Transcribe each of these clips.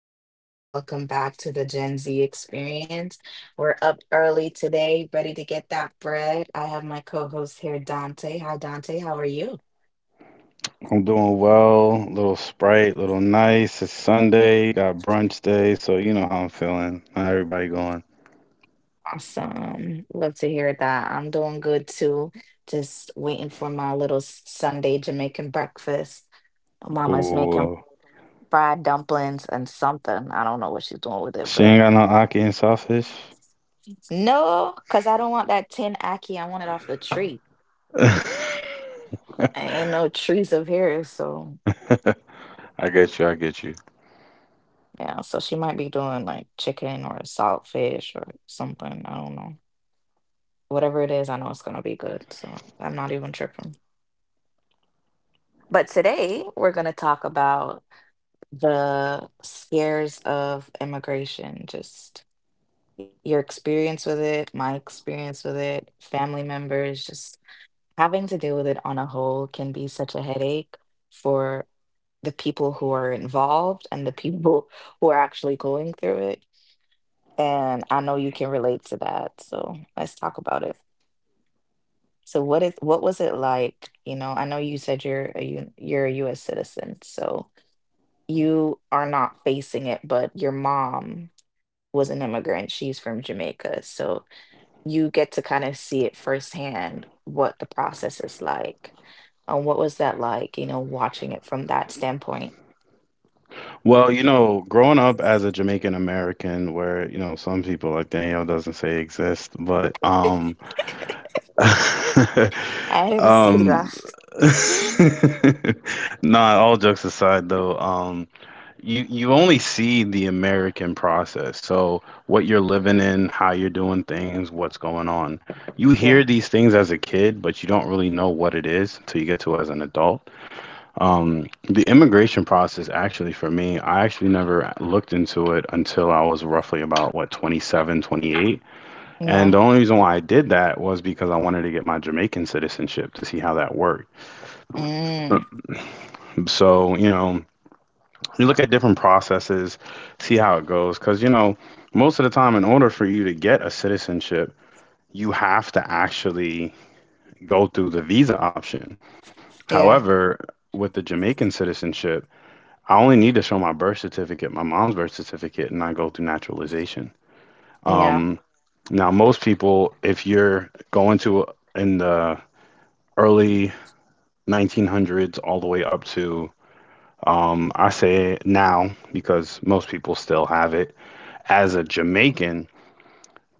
everyone. Welcome back to the Gen Z experience. We're up early today, ready to get that bread. I have my co-host here, Dante. Hi, Dante. How are you? I'm doing well. Little Sprite, little nice. It's Sunday, got brunch day, so you know how I'm feeling. How everybody going? Awesome. Love to hear that. I'm doing good too. Just waiting for my little Sunday Jamaican breakfast. My mama's making Ooh, fried dumplings and something. I don't know what she's doing with it, she but ain't got no Aki and sawfish. no, because I don't want that tin ackee. I want it off the tree. I Ain't no trees up here, so. get you. I get you. Yeah, so she might be doing like chicken or salt fish or something. I don't know. Whatever it is, I know it's gonna be good. So I'm not even tripping. But today we're gonna talk about the scares of immigration, just your experience with it, my experience with it, family members, just having to deal with it on a whole can be such a headache for the people who are involved and the people who are actually going through it. And I know you can relate to that, so let's talk about it. So what was it like? You know, I know you said you're a you're a US citizen, so you are not facing it, but your mom was an immigrant. She's from Jamaica, so you get to kind of see it firsthand what the process is like. And what was that like, you know, watching it from that standpoint? Well, you know, growing up as a Jamaican American, where you know some people like Danielle doesn't say exist, but I didn't see um, that. nah. All jokes aside, though. You only see the American process. So what you're living in, how you're doing things, what's going on. You hear Yeah. these things as a kid, but you don't really know what it is until you get to it as an adult. The immigration process, actually, for me, I actually never looked into it until I was roughly about what 27, 28. And Yeah. the only reason why I did that was because I wanted to get my Jamaican citizenship to see how that worked. Mm. So, you know, you look at different processes, see how it goes. Because, you know, most of the time, in order for you to get a citizenship, you have to actually go through the visa option. Yeah. However, with the Jamaican citizenship, I only need to show my birth certificate, my mom's birth certificate, and I go through naturalization. Yeah. Um, Now, most people, if you're going to in the early 1900s all the way up to, I say now because most people still have it as a Jamaican,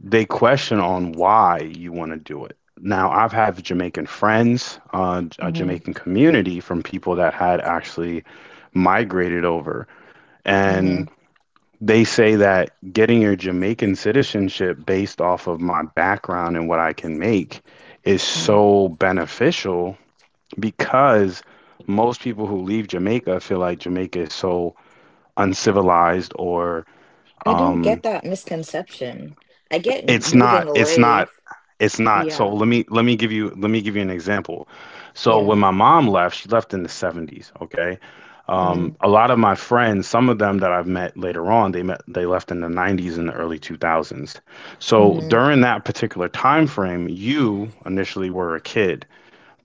they question on why you want to do it. Now, I've had Jamaican friends, a Mm-hmm. Jamaican community from people that had actually migrated over, Mm-hmm. and they say that getting your Jamaican citizenship based off of my background and what I can make is Mm-hmm. so beneficial because most people who leave Jamaica feel like Jamaica is so uncivilized or I don't get um, that misconception. I get it's moving not. It's away. not. It's not. So Yeah, let me give you let me give you an example. So yeah. when my mom left, she left in the 70s, okay? Hmm A lot of my friends, some of them that I've met later on, they left in the 90s and the early 2000s. So hmm during that particular time frame, you initially were a kid,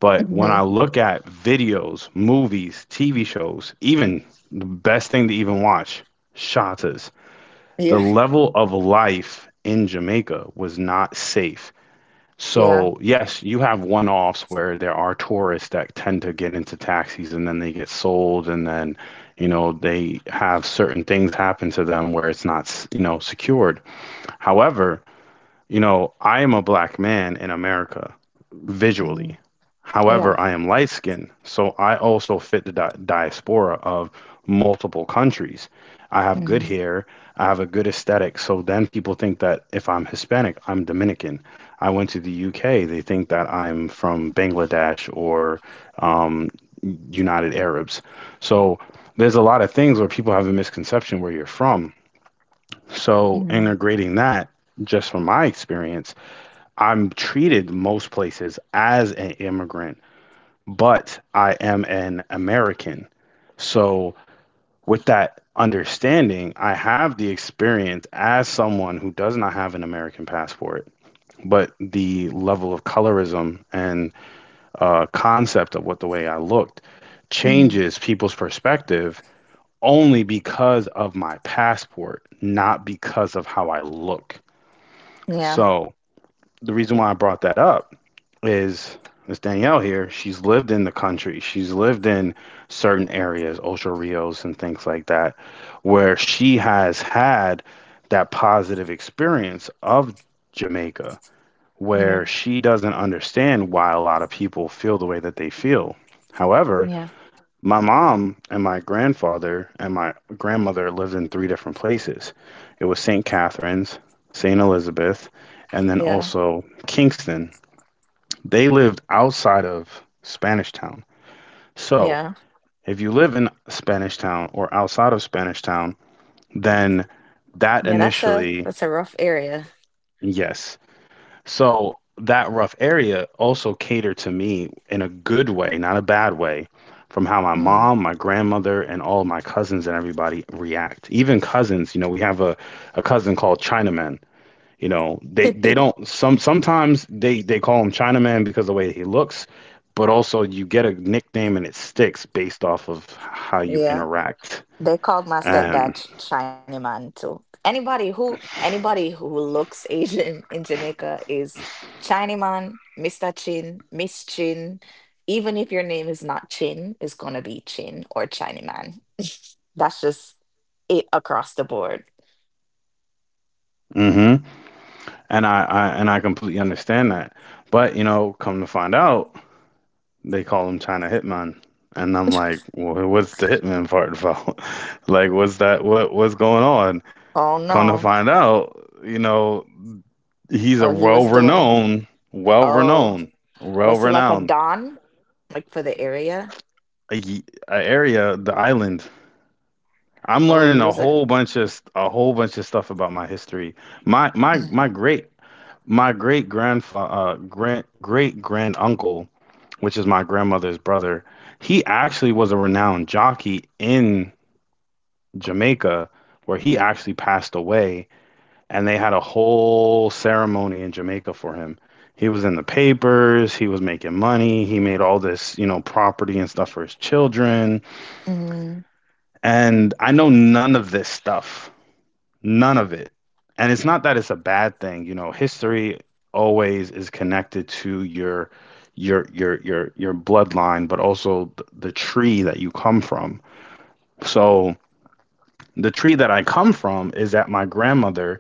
but when I hmm look at videos, movies, TV shows, even the best thing to even watch, shatas, the Yeah, level of life in Jamaica was not safe. yeah. So, yes, you have one offs where there are tourists that tend to get into taxis and then they get sold, and then, you know, they have certain things happen to them where it's not, you know, secured. However, you know, I am a black man in America hmm visually. Yeah. However, I am light skinned, so I also fit the diaspora of multiple countries. I have good hmm hair, I have a good aesthetic, so then people think that if I'm Hispanic, I'm Dominican. I went to the UK, they think that I'm from Bangladesh or um, United Arabs. So there's a lot of things where people have a misconception where you're from. So hmm integrating that, just from my experience, I'm treated most places as an immigrant, but I am an American. So, with that understanding, I have the experience as someone who does not have an American passport, but the level of colorism and concept of what the way I looked hmm changes people's perspective only because of my passport, not because of how I look. Yeah, So, the reason why I brought that up is Miss Danielle here. She's lived in the country. She's lived in certain areas, Ocho Rios and things like that, where she has had that positive experience of Jamaica, yeah, where she doesn't understand why a lot of people feel the way that they feel. However, yeah, my mom and my grandfather and my grandmother lived in three different places. It was St. Catherine's, St. Elizabeth, and then yeah, also Kingston. They lived outside of Spanish Town. So yeah. if you live in Spanish Town or outside of Spanish Town, then that Yeah, initially, that's a rough area. yes. So that rough area also catered to me in a good way, not a bad way, from how my Mm. mom, my grandmother, and all my cousins and everybody react. Even cousins, you know, we have a cousin called Chinaman. You know, they don't sometimes they call him Chinaman because of the way he looks, but also you get a nickname and it sticks based off of how you yeah. interact. They called my stepdad And Shiny Man too. Anybody who looks Asian in Jamaica is Shiny Man, Mr. Chin, Miss Chin. Even if your name is not Chin, it's gonna be Chin or Shiny Man. That's just it across the board. hmm, and I completely understand that. But you know, come to find out, they call him China Hitman. And I'm like, what's the hitman part about?" Like, what's that? What what's going on? Oh Come to no. find out, you know, he's a Oh, he was doing. well-renowned, Oh, well-renowned, was he like a well-renowned, don, like for the area? a, a area, the island. I'm Oh, learning he was like, a whole bunch of stuff about my history. My mm, great my great grandfather grand great grand uncle, which is my grandmother's brother, he actually was a renowned jockey in Jamaica, where he actually passed away, and they had a whole ceremony in Jamaica for him. He was in the papers, he was making money, he made all this, you know, property and stuff for his children. mm, And I know none of this stuff, none of it. And it's not that it's a bad thing. You know, history always is connected to your bloodline, but also the tree that you come from. So the tree that I come from is that my grandmother,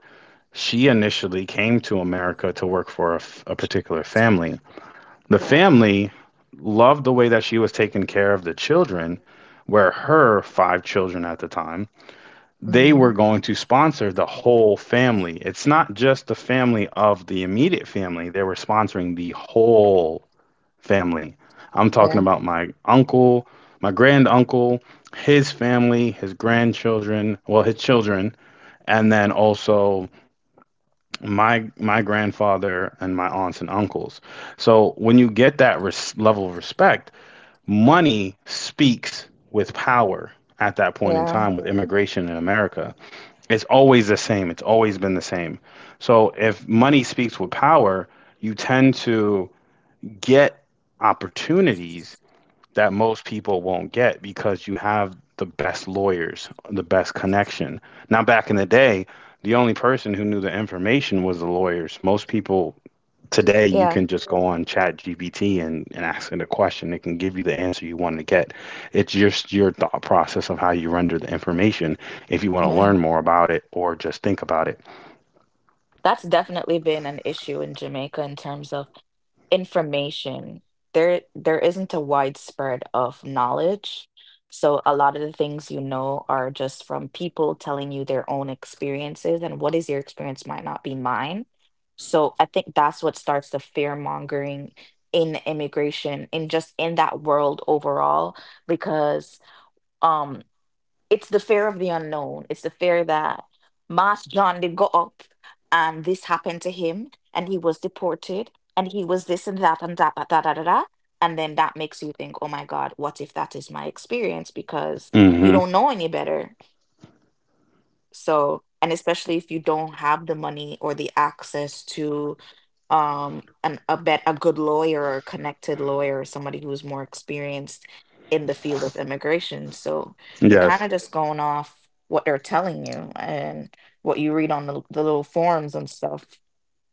she initially came to America to work for a particular family. The yeah, family loved the way that she was taking care of the children, where her five children at the time, they were mm, going to sponsor the whole family. It's not just the family of the immediate family, they were sponsoring the whole family. I'm talking yeah, about my uncle, my grand uncle, his family, his grandchildren, well, his children, and then also my grandfather and my aunts and uncles. So when you get that level of respect, money speaks with power at that point in yeah, time with immigration in America. It's always the same. It's always been the same. So if money speaks with power, you tend to get opportunities that most people won't get because you have the best lawyers, the best connection. Now, back in the day, the only person who knew the information was the lawyers. Most people today, you yeah, can just go on ChatGPT and ask it a question. It can give you the answer you want to get. It's just your thought process of how you render the information if you want to yeah. learn more about it or just think about it. That's definitely been an issue in Jamaica in terms of information. There isn't a widespread of knowledge. So a lot of the things you know are just from people telling you their own experiences, and what is your experience might not be mine. So I think that's what starts the fear mongering in immigration, in that world overall, because um it's the fear of the unknown. It's the fear that Mas John did go up and this happened to him and he was deported and he was this and that and that. And then that makes you think, oh my God, what if that is my experience? Because you Hmm. don't know any better. So, and especially if you don't have the money or the access to an a bet a good lawyer or a connected lawyer or somebody who's more experienced in the field of immigration. So you're kind Yes. of just going off what they're telling you and what you read on the little forums and stuff.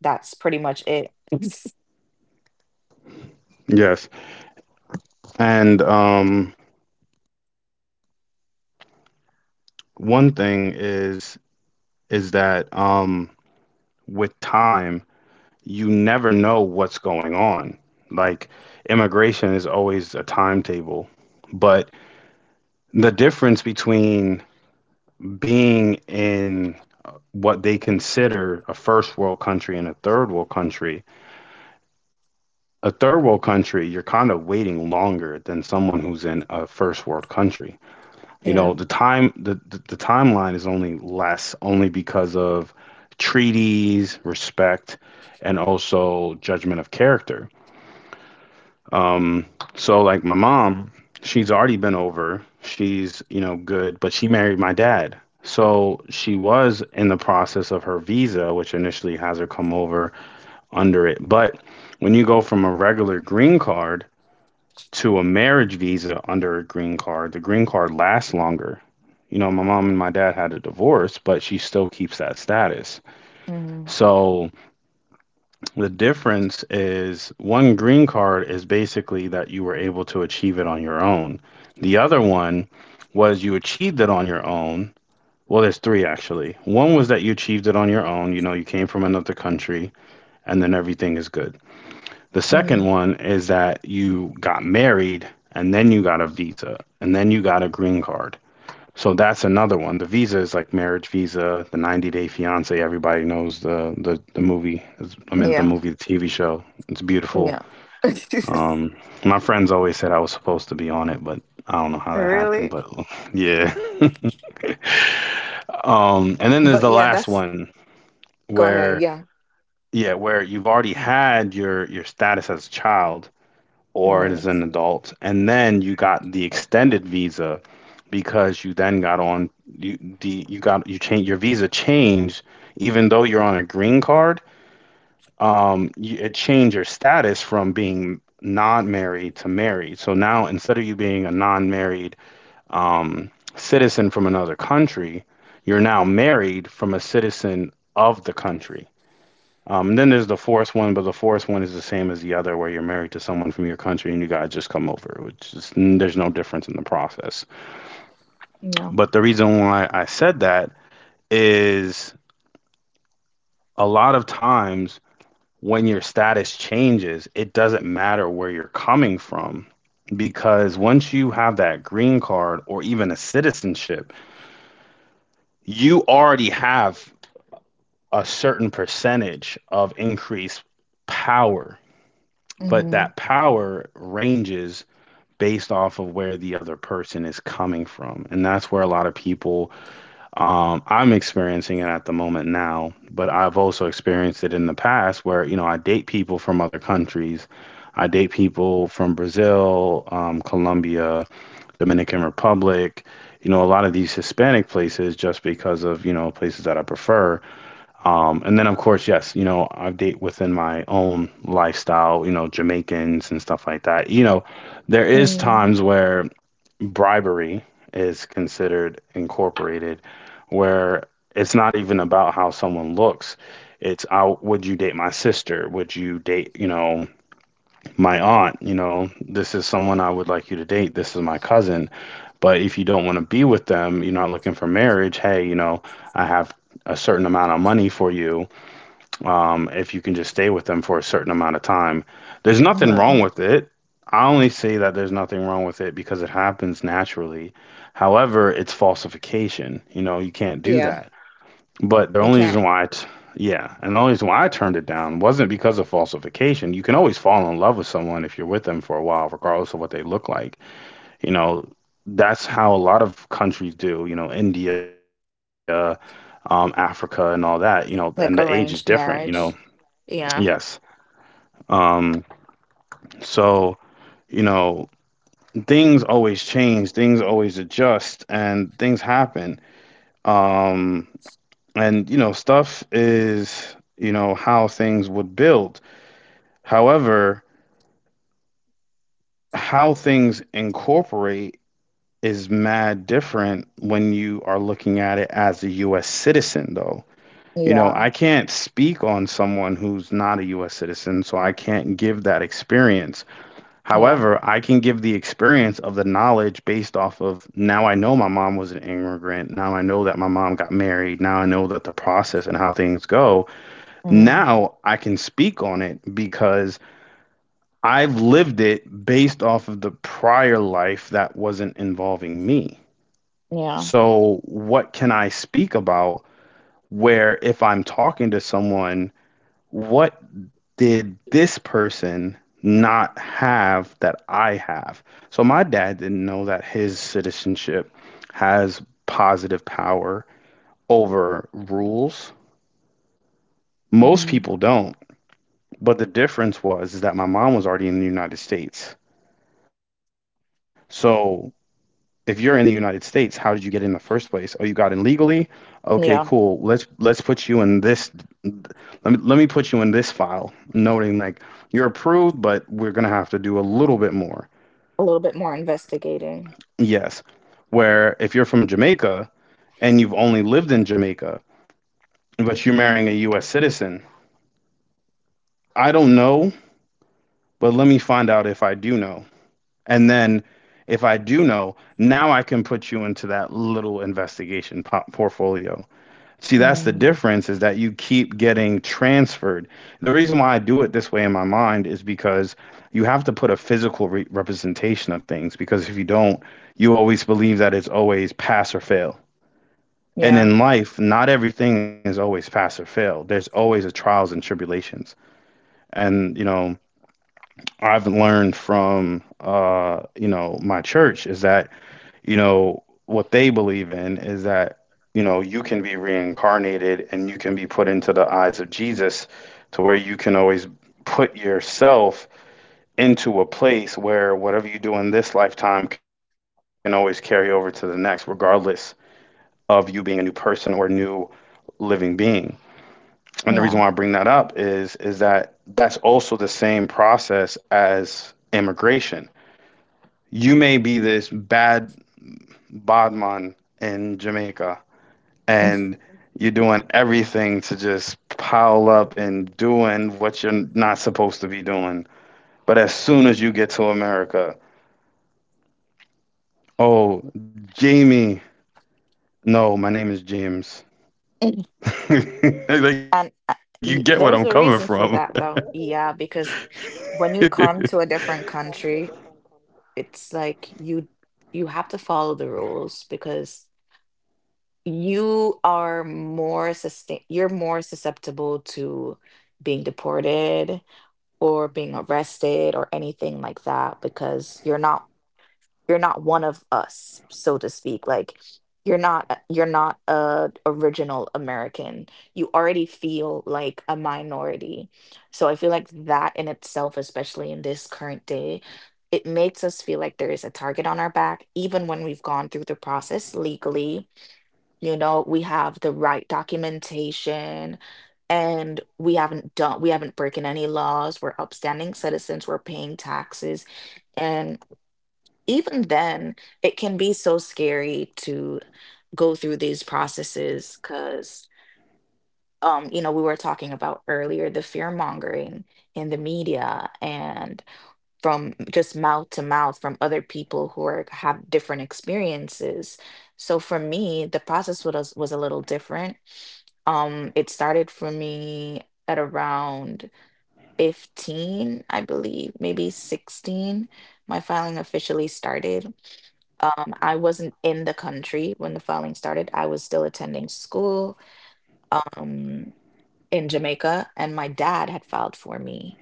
That's pretty much it. Yes. And one thing is that with time, you never know what's going on. Like immigration is always a timetable, but the difference between being in what they consider a first world country and a third world country, a third world country, you're kind of waiting longer than someone who's in a first world country. You know, Yeah. the time the timeline is only less only because of treaties, respect, and also judgment of character. Um, so like my mom, she's already been over. She's, you know, good, but she married my dad. So she was in the process of her visa, which initially has her come over under it. But when you go from a regular green card to a marriage visa under a green card, the green card lasts longer. You know, my mom and my dad had a divorce, but she still keeps that status. hmm So the difference is one green card is basically that you were able to achieve it on your own. The other one was you achieved it on your own. Well, there's three actually. One was that you achieved it on your own, you know, you came from another country and then everything is good. The second hmm one is that you got married and then you got a visa and then you got a green card. So that's another one. The Visa is like Marriage Visa, the 90 Day Fiance. Everybody knows the movie. I mean, the Yeah. movie, the TV show. It's beautiful. Yeah. Um, my friends always said I was supposed to be on it, but I don't know how that happened. Really? But yeah. And then there's But the yeah, last that's one go ahead. where Yeah. yeah, where you've already had your status as a child, or as hmm an adult. And then you got the extended visa because you then got on you the you got you change your visa changed even though you're on a green card. You, it changed your status from being non-married to married. So now instead of you being a non-married um, citizen from another country, you're now married from a citizen of the country. And then there's the fourth one, but the fourth one is the same as the other, where you're married to someone from your country and you guys just come over, which is there's no difference in the process. Yeah. But the reason why I said that is a lot of times when your status changes, it doesn't matter where you're coming from, because once you have that green card or even a citizenship, you already have a certain percentage of increased power, but Mm-hmm. that power ranges based off of where the other person is coming from. And that's where a lot of people, I'm experiencing it at the moment now, but I've also experienced it in the past where, you know, I date people from other countries. I date people from Brazil, Colombia, Dominican Republic, you know, a lot of these Hispanic places just because of, you know, places that I prefer. And then, of course, yes, you know, I date within my own lifestyle, you know, Jamaicans and stuff like that. You know, there is Mm-hmm. times where bribery is considered incorporated, where it's not even about how someone looks. It's out, would you date my sister? Would you date, you know, my aunt? You know, this is someone I would like you to date. This is my cousin. But if you don't want to be with them, you're not looking for marriage. Hey, you know, I have a certain amount of money for you if you can just stay with them for a certain amount of time. There's nothing wrong with it. I only say that there's nothing wrong with it because it happens naturally. However, it's falsification. You know, you can't do Yeah. that. But the You only can't reason why, yeah, and the only reason why I turned it down wasn't because of falsification. You can always fall in love with someone if you're with them for a while, regardless of what they look like. You know, that's how a lot of countries do. You know, India, Africa, and all that. You know, and the age is like different. You arranged know, marriage. Yeah. yes. Um, so, you know, things always change, things always adjust, and things happen. Um, and, you know, stuff is, you know, how things would build. However, how things incorporate is mad different when you are looking at it as a US citizen, though. You know, Yeah. I can't speak on someone who's not a US citizen, so I can't give that experience. Yeah. However, I can give the experience of the knowledge based off of, now I know my mom was an immigrant. Now I know that my mom got married. Now I know that the process and how things go. hmm Now I can speak on it because I've lived it based off of the prior life that wasn't involving me. Yeah. So, what can I speak about where if I'm talking to someone, what did this person not have that I have? So my dad didn't know that his citizenship has positive power over rules. Most hmm people don't. But the difference was is that my mom was already in the United States. So if you're in the United States, how did you get in the first place? Oh, you got in legally? Okay, Yeah. cool. Let's put you in this, let me put you in this file, noting like you're approved, but we're going to have to do a little bit more. A little bit more investigating. Yes. Where if you're from Jamaica and you've only lived in Jamaica, but you're marrying a US citizen, I don't know, but let me find out if I do know. And then if I do know, now I can put you into that little investigation portfolio. See, that's the Hmm difference is that you keep getting transferred. The reason why I do it this way in my mind is because you have to put a physical representation of things, because if you don't, you always believe that it's always pass or fail. And Yeah. in life, not everything is always pass or fail. There's always a trials and tribulations. And, you know, I've learned from, you know, my church is that, you know, what they believe in is that, you know, you can be reincarnated and you can be put into the eyes of Jesus to where you can always put yourself into a place where whatever you do in this lifetime can always carry over to the next, regardless of you being a new person or a new living being. And the reason why Yeah. I bring that up is that that's also the same process as immigration. You may be this bad bodman in Jamaica Mm. and you're doing everything to just pile up and doing what you're not supposed to be doing. But as soon as you get to America, oh, Jamie, no, my name is James. Like you get And what I'm coming from. there's a reason for that though. Yeah, because Mm-hmm. when you come to a different country, it's like you have to follow the rules because you are more sustain you're more susceptible to being deported or being arrested or anything like that because you're not one of us, so to speak. Like, you're not a original American. You already feel like a minority, so I feel like that in itself, especially in this current day, it makes us feel like there is a target on our back even when we've gone through the process legally. You know, we have the right documentation, and we haven't broken any laws. We're upstanding citizens. We're paying taxes, and even then, it can be so scary to go through these processes because, um, you know, we were talking about earlier, the fear mongering in the media, and from just mouth to mouth from other people who are have different experiences. So for me, the process was a little different. Um, it started for me at around 15, I believe, maybe 16. My filing officially started. I wasn't in the country when the filing started. I was still attending school, um, in Jamaica, and my dad had filed for me.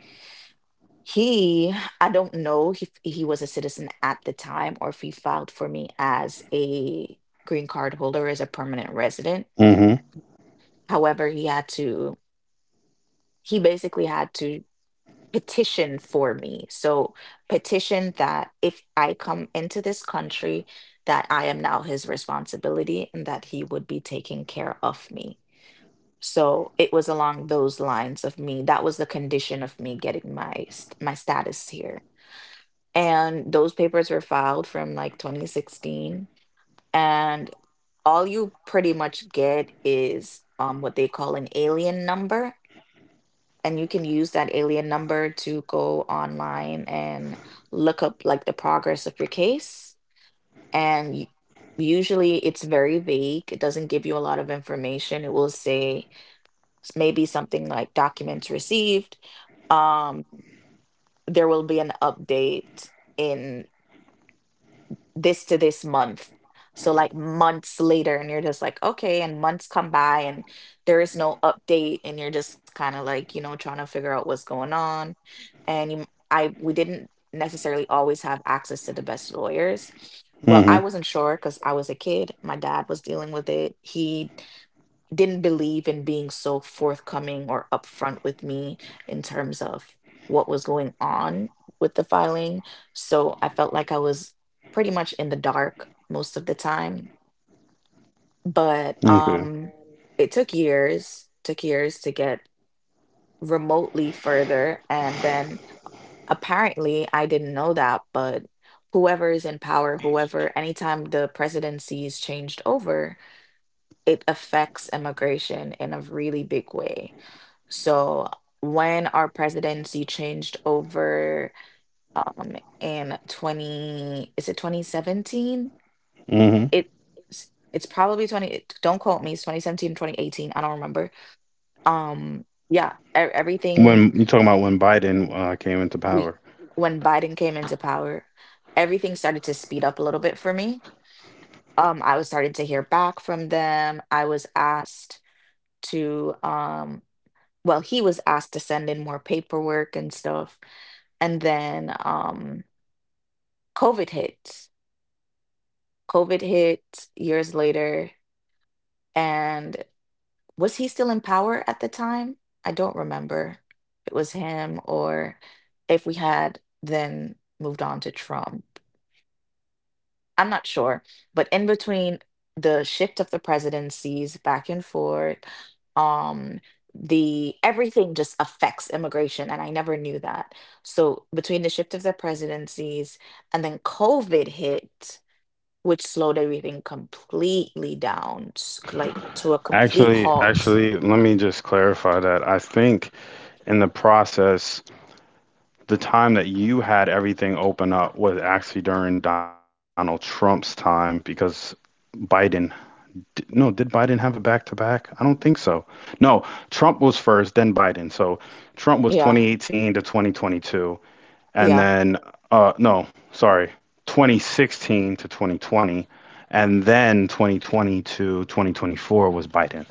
He, I don't know if he was a citizen at the time or if he filed for me as a green card holder, as a permanent resident. However, he basically had to petition for me. So petition that if I come into this country, that I am now his responsibility and that he would be taking care of me. So it was along those lines of me. That was the condition of me getting my my status here. And those papers were filed from like 2016, and all you pretty much get is what they call an alien number, and you can use that alien number to go online and look up like the progress of your case. And usually it's very vague. It doesn't give you a lot of information. It will say maybe something like documents received. Um, there will be an update in this to this month. So like months later, and you're just like, okay, and months come by and there is no update, and you're just kind of like, you know, trying to figure out what's going on. And you- I we didn't necessarily always have access to the best lawyers. Well, I Mm-hmm. wasn't sure because I was a kid. My dad was dealing with it. He didn't believe in being so forthcoming or upfront with me in terms of what was going on with the filing. So I felt like I was pretty much in the dark most of the time. But Okay. It took years to get remotely further. And then apparently I didn't know that, but whoever is in power, whoever, anytime the presidency is changed over, it affects immigration in a really big way. So when our presidency changed over, um, in 20, is it 2017? Mm-hmm. It it's probably don't quote me, it's 2017, 2018. I don't remember. Um, yeah, everything When you talking about when Biden came into we power. when Biden came into power, everything started to speed up a little bit for me. Um, I was starting to hear back from them. I was asked to, um, well, he was asked to send in more paperwork and stuff. And then, COVID hit. COVID hit years later. And was he still in power at the time? I don't remember if it was him or if we had then moved on to Trump. I'm not sure. But in between the shift of the presidencies back and forth, um, the everything just affects immigration. And I never knew that. So between the shift of the presidencies and then COVID hit, which slowed everything completely down, like to a complete Actually, halt. actually, let me just clarify that. I think in the process, the time that you had everything open up was actually during Donald Trump's time, because Biden, no, did Biden have a back to back? I don't think so. No, Trump was first, then Biden. So Trump was Yeah, 2018 to 2022, and yeah, then no, sorry, 2016 to 2020 and then 2020 to 2024 was Biden.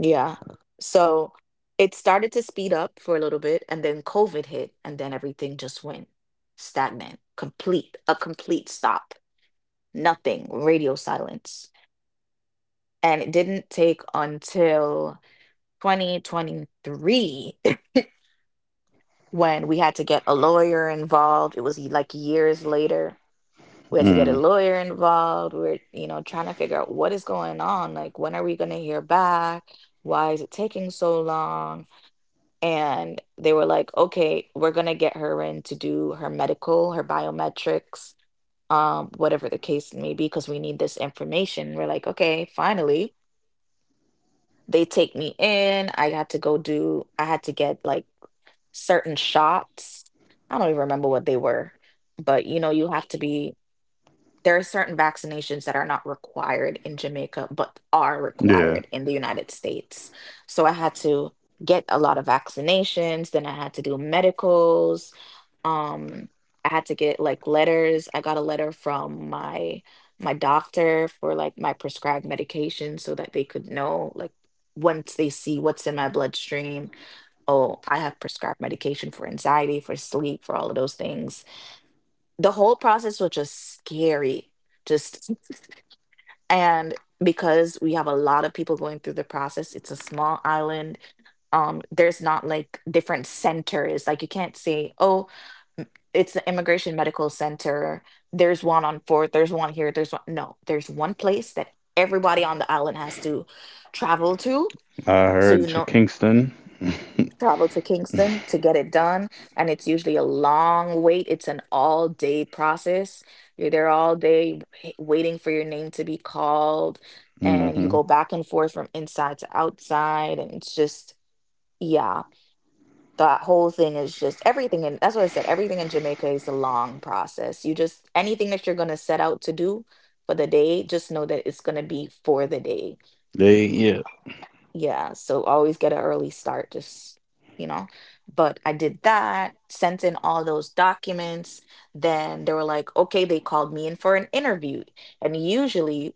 yeah. So it started to speed up for a little bit, and then COVID hit, and then everything just went stagnant, complete, a complete stop, nothing, radio silence. And it didn't take until 2023 when we had to get a lawyer involved. It was like years later we had to get a Mm, lawyer involved. We're, you know, trying to figure out what is going on. Like, when are we going to hear back? Why is it taking so long? And they were like, okay, we're going to get her in to do her medical, her biometrics, whatever the case may be, because we need this information. We're like, okay, finally. They take me in. I had to go do, I had to get like certain shots. I don't even remember what they were, but you know, you have to be, there are certain vaccinations that are not required in Jamaica, but are yeah. required in the United States. So I had to get a lot of vaccinations, then I had to do medicals. Um, I had to get like letters. I got a letter from my doctor for like my prescribed medication so that they could know like once they see what's in my bloodstream, oh, I have prescribed medication for anxiety, for sleep, for all of those things. The whole process was just scary, just and because we have a lot of people going through the process, it's a small island. There's not like different centers. Like, you can't say, oh, m- it's the immigration medical center. There's one on fourth, there's one here, there's one, no, there's one place that everybody on the island has to travel to. I So heard Kingston. travel to Kingston to get it done. And it's usually a long wait. It's an all day process. You're there all day waiting for your name to be called. And you Mhm. go back and forth from inside to outside. And it's just, yeah, that whole thing is just everything. And that's what I said. Everything in Jamaica is a long process. You just, anything that you're going to set out to do for the day, just know that it's going to be for the day. They yeah. Yeah, so always get an early start, just, you know. But I did that, sent in all those documents. Then they were like, okay, they called me in for an interview. And usually,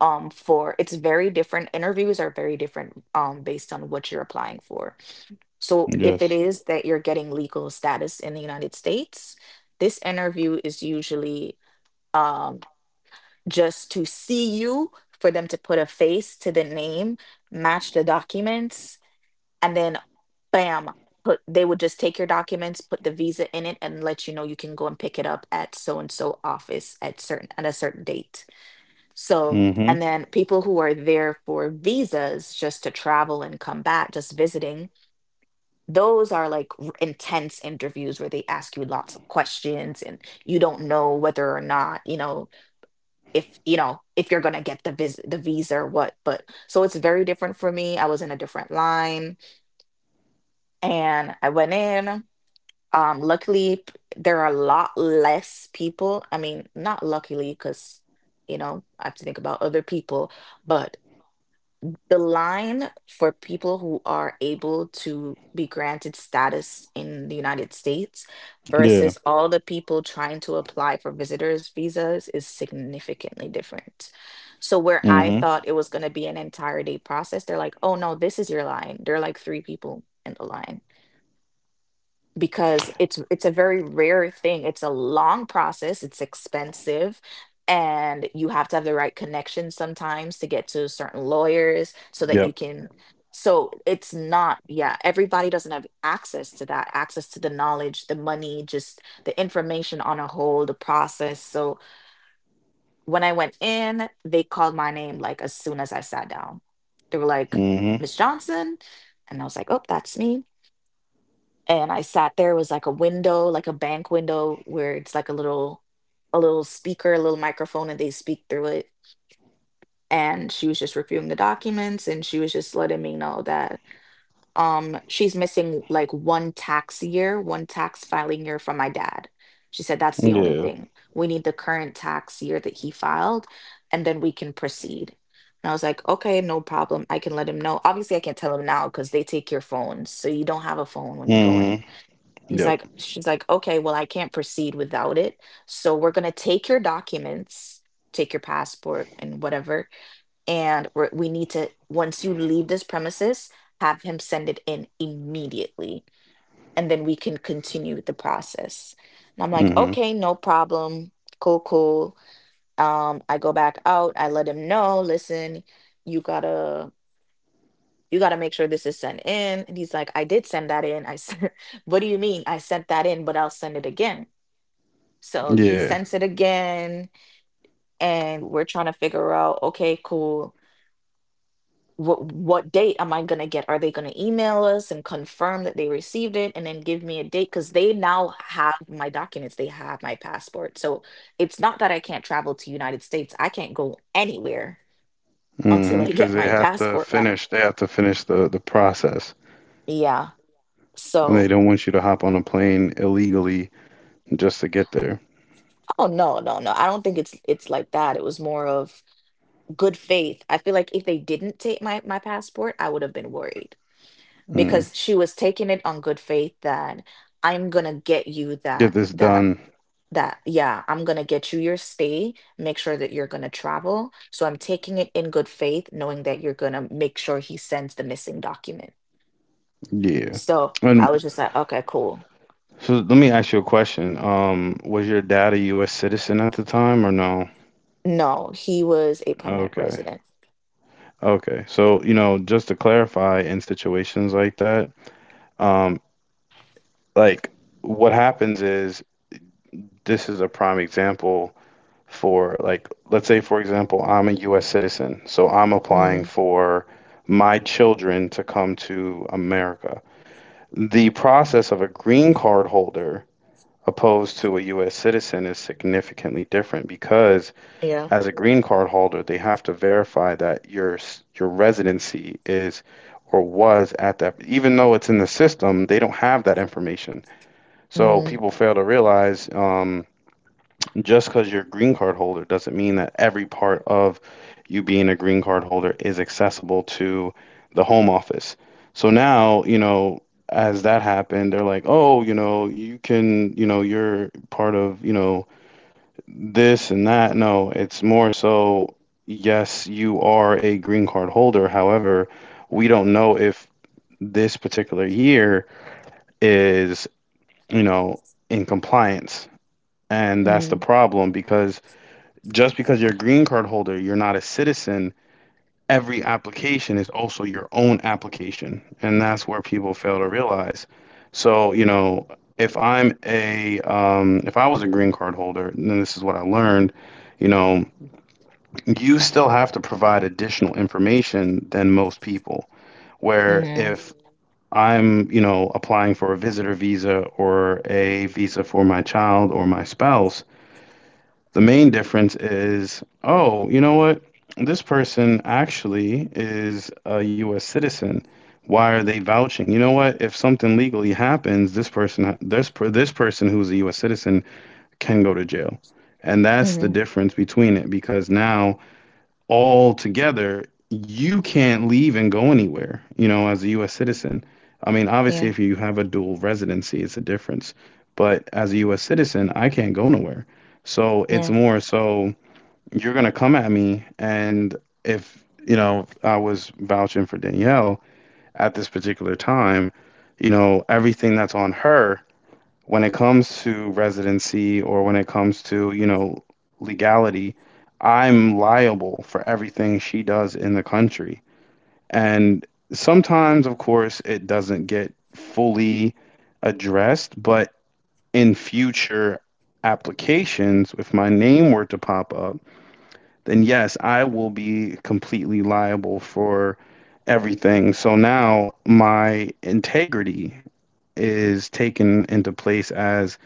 for it's very different, interviews are very different, based on what you're applying for. So if it Yes. is that you're getting legal status in the United States, this interview is usually, um, just to see you, for them to put a face to the name, match the documents, and then bam, put, they would just take your documents, put the visa in it, and let you know you can go and pick it up at so and so office at certain at a certain date. So, Mm-hmm. and then people who are there for visas just to travel and come back, just visiting, those are like intense interviews where they ask you lots of questions and you don't know whether or not, you know, if you know if you're going to get the the visa or what. But so it's very different. For me, I was in a different line, and I went in. Luckily, there are a lot less people. I mean, not luckily, because, you know, I have to think about other people, but the line for people who are able to be granted status in the United States Yeah. versus all the people trying to apply for visitors visas is significantly different. So where I Mm-hmm. thought it was going to be an entire day process, they're like, "Oh no, this is your line." There are like three people in the line because it's a very rare thing. It's a long process, it's expensive, and you have to have the right connections sometimes to get to certain lawyers so that you Yep. can, so it's not, yeah, everybody doesn't have access to that, access to the knowledge, the money, just the information on a whole, the process. So when I went in, they called my name like as soon as I sat down. They were like, Mm-hmm. Miss Johnson. And I was like, oh, that's me, and I sat there. It was like a window, like a bank window, where it's like a little speaker, a little microphone, and they speak through it. And she was just reviewing the documents, and she was just letting me know that she's missing like one tax year, one tax filing year from my dad. She said that's the only Yeah. thing, we need the current tax year that he filed, and then we can proceed. And I was like, okay, no problem. I can let him know. Obviously, I can't tell him now because they take your phone, so you don't have a phone when you go in. Mm-hmm. He's Yep. like, she's like, okay, well, I can't proceed without it. So we're going to take your documents, take your passport and whatever. And we're, we need to, once you leave this premises, have him send it in immediately. And then we can continue the process. And I'm like, Mm-hmm. okay, no problem. Cool, cool. I go back out. I let him know, listen, you gotta, you gotta make sure this is sent in. And he's like, I did send that in. I sent. What do you mean? I sent that in, but I'll send it again. So he Yeah. sends it again, and we're trying to figure out, okay, cool. What date am I gonna get? Are they gonna email us and confirm that they received it and then give me a date? Because they now have my documents, they have my passport. So it's not that I can't travel to United States. I can't go anywhere until Mm-hmm. I Because get they my have to passport back. finish. They have to finish the process, Yeah. and they So, don't want you to hop on a plane illegally just to get there. oh no, no, no. I don't think it's like that. It was more of good faith. I feel like if they didn't take my passport, I would have been worried. Mm. Because she was taking it on good faith that I'm gonna get you Get that this that done. that yeah, I'm gonna get you your stay, make sure that you're gonna travel, so I'm taking it in good faith knowing that you're gonna make sure he sends the missing document. Yeah. So And I was just like, okay, cool. so let me ask you a question. Was your dad a U.S. citizen at the time or no? No, he was a permanent Okay. resident. Okay. So, you know, just to clarify, in situations like that, um, like, what happens is this is a prime example for, like, let's say, for example, I'm a US citizen, so I'm applying Hmm. for my children to come to America. The process of a green card holder opposed to a US citizen is significantly different because Yeah. as a green card holder they have to verify that your residency is or was at that, even though it's in the system, they don't have that information. So Hmm. people fail to realize, just because you're a green card holder doesn't mean that every part of you being a green card holder is accessible to the home office. So now, you know, as that happened, they're like, oh, you know, you can, you know, you're part of, you know, this and that. No, it's more so, yes, you are a green card holder. However, we don't know if this particular year is, you know, in compliance. And that's the Hmm. problem, because just because you're a green card holder, you're not a citizen. Every application is also your own application. And that's where people fail to realize. So, you know, if I'm a, if I was a green card holder, and this is what I learned, you know, you still have to provide additional information than most people. Where Hmm. if I'm, you know, applying for a visitor visa or a visa for my child or my spouse, the main difference is, oh, you know what? This person actually is a US citizen. Why are they vouching? You know what? If something legally happens, this person this person who's a US citizen can go to jail. And that's the Hmm. difference between it, because now all together, you can't leave and go anywhere, you know, as a US citizen. I mean, obviously, Yeah. if you have a dual residency, it's a difference. But as a US citizen, I can't go nowhere. So it's Yeah. more so you're going to come at me. And if, you know, I was vouching for Danielle at this particular time, you know, everything that's on her when it comes to residency or when it comes to, you know, legality, I'm liable for everything she does in the country. And sometimes, of course, it doesn't get fully addressed, but in future applications, if my name were to pop up, then yes, I will be completely liable for everything. So now my integrity is taken into place as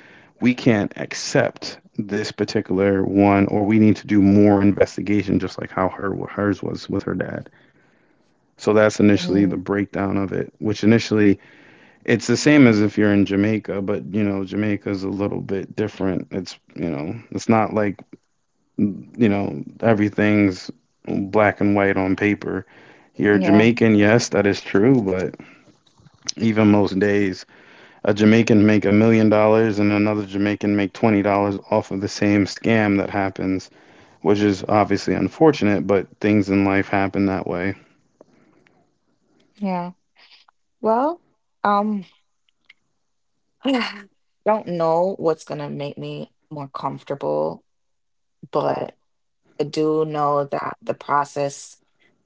we can't accept this particular one, or we need to do more investigation, just like how her hers was with her dad. So that's initially the Hmm. breakdown of it, which initially it's the same as if you're in Jamaica, but, you know, Jamaica's a little bit different. It's, you know, it's not like, you know, everything's black and white on paper. You're Yeah. Jamaican, yes, that is true. But even most days a Jamaican make $1 million and another Jamaican make $20 off of the same scam that happens, which is obviously unfortunate, but things in life happen that way. Yeah. Well, um I don't know what's gonna make me more comfortable, but I do know that the process,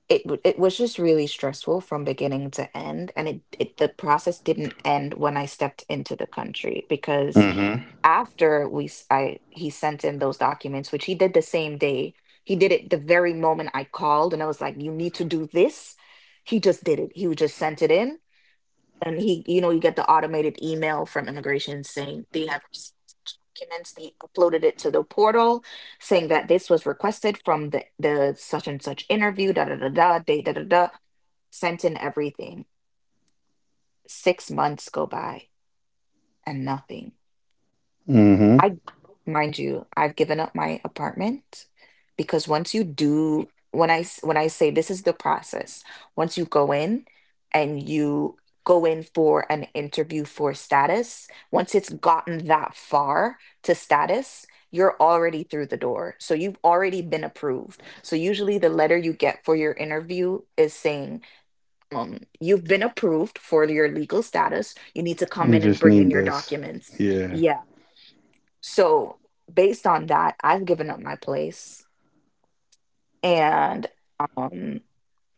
it was just really stressful from beginning to end, and it, the process didn't end when I stepped into the country because Hmm. after I, he sent in those documents, which he did the same day. He did it the very moment I called, and I was like, "You need to do this." He just did it. He just sent it in, and he, you know, you get the automated email from immigration saying they have received such documents, they uploaded it to the portal saying that this was requested from the such and such interview, da da da da da da da da, sent in everything. 6 months go by, and nothing. Hmm. I, mind you, I've given up my apartment because once you do, when when I say this is the process, once you go in and you go in for an interview for status, once it's gotten that far to status, you're already through the door. So you've already been approved. So usually the letter you get for your interview is saying, you've been approved for your legal status. You need to come We in and just bring in need your this. documents. Yeah. Yeah. So, based on that, I've given up my place and um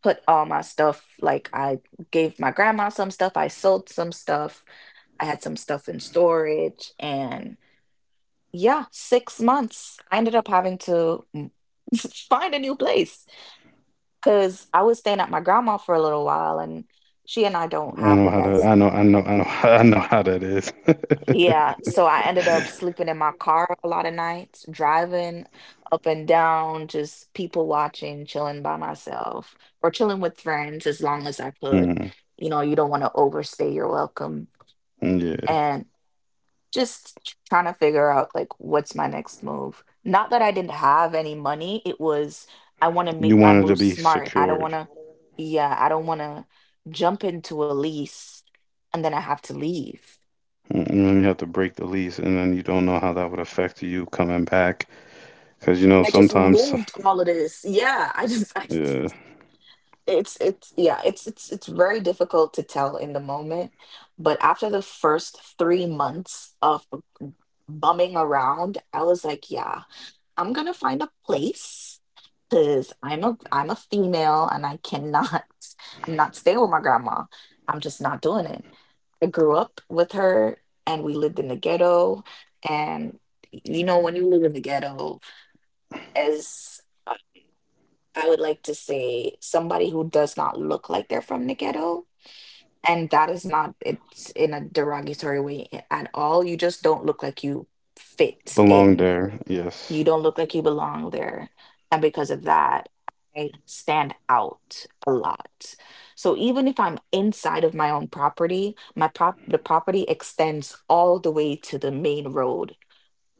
put all my stuff, like I gave my grandma some stuff, I sold some stuff, I had some stuff in storage and yeah, 6 months. I ended up having to find a new place cuz I was staying at my grandma for a little while and she and I don't I have know the how to I best. know I know I know I know how that is. Yeah, so I ended up sleeping in my car a lot of nights, driving up and down, just people watching, chilling by myself, or chilling with friends as long as I could. Mm, You know, you don't want to overstay your welcome, yeah. and just trying to figure out like what's my next move. Not that I didn't have any money, it was I want to You make my wanted to move be smart. I don't want secured. to, yeah, I don't want to jump into a lease and then I have to leave. Mm. And then you have to break the lease, and then you don't know how that would affect you coming back. Because, you know, I just sometimes. moved all of this. Yeah, I just, I, Yeah. It's, yeah, it's very difficult to tell in the moment. But after the first three months of bumming around, I was like, yeah, I'm gonna find a place because I'm a female and I cannot, I'm not staying with my grandma. I'm just not doing it. I grew up with her and we lived in the ghetto. And, you know, when you live in the ghetto, as, I would like to say, somebody who does not look like they're from the ghetto. And that is not, it's in a derogatory way at all. You just don't look like you fit Belong in. there. Yes. You don't look like you belong there. And because of that, I stand out a lot. So even if I'm inside of my own property, my prop the property extends all the way to the main road.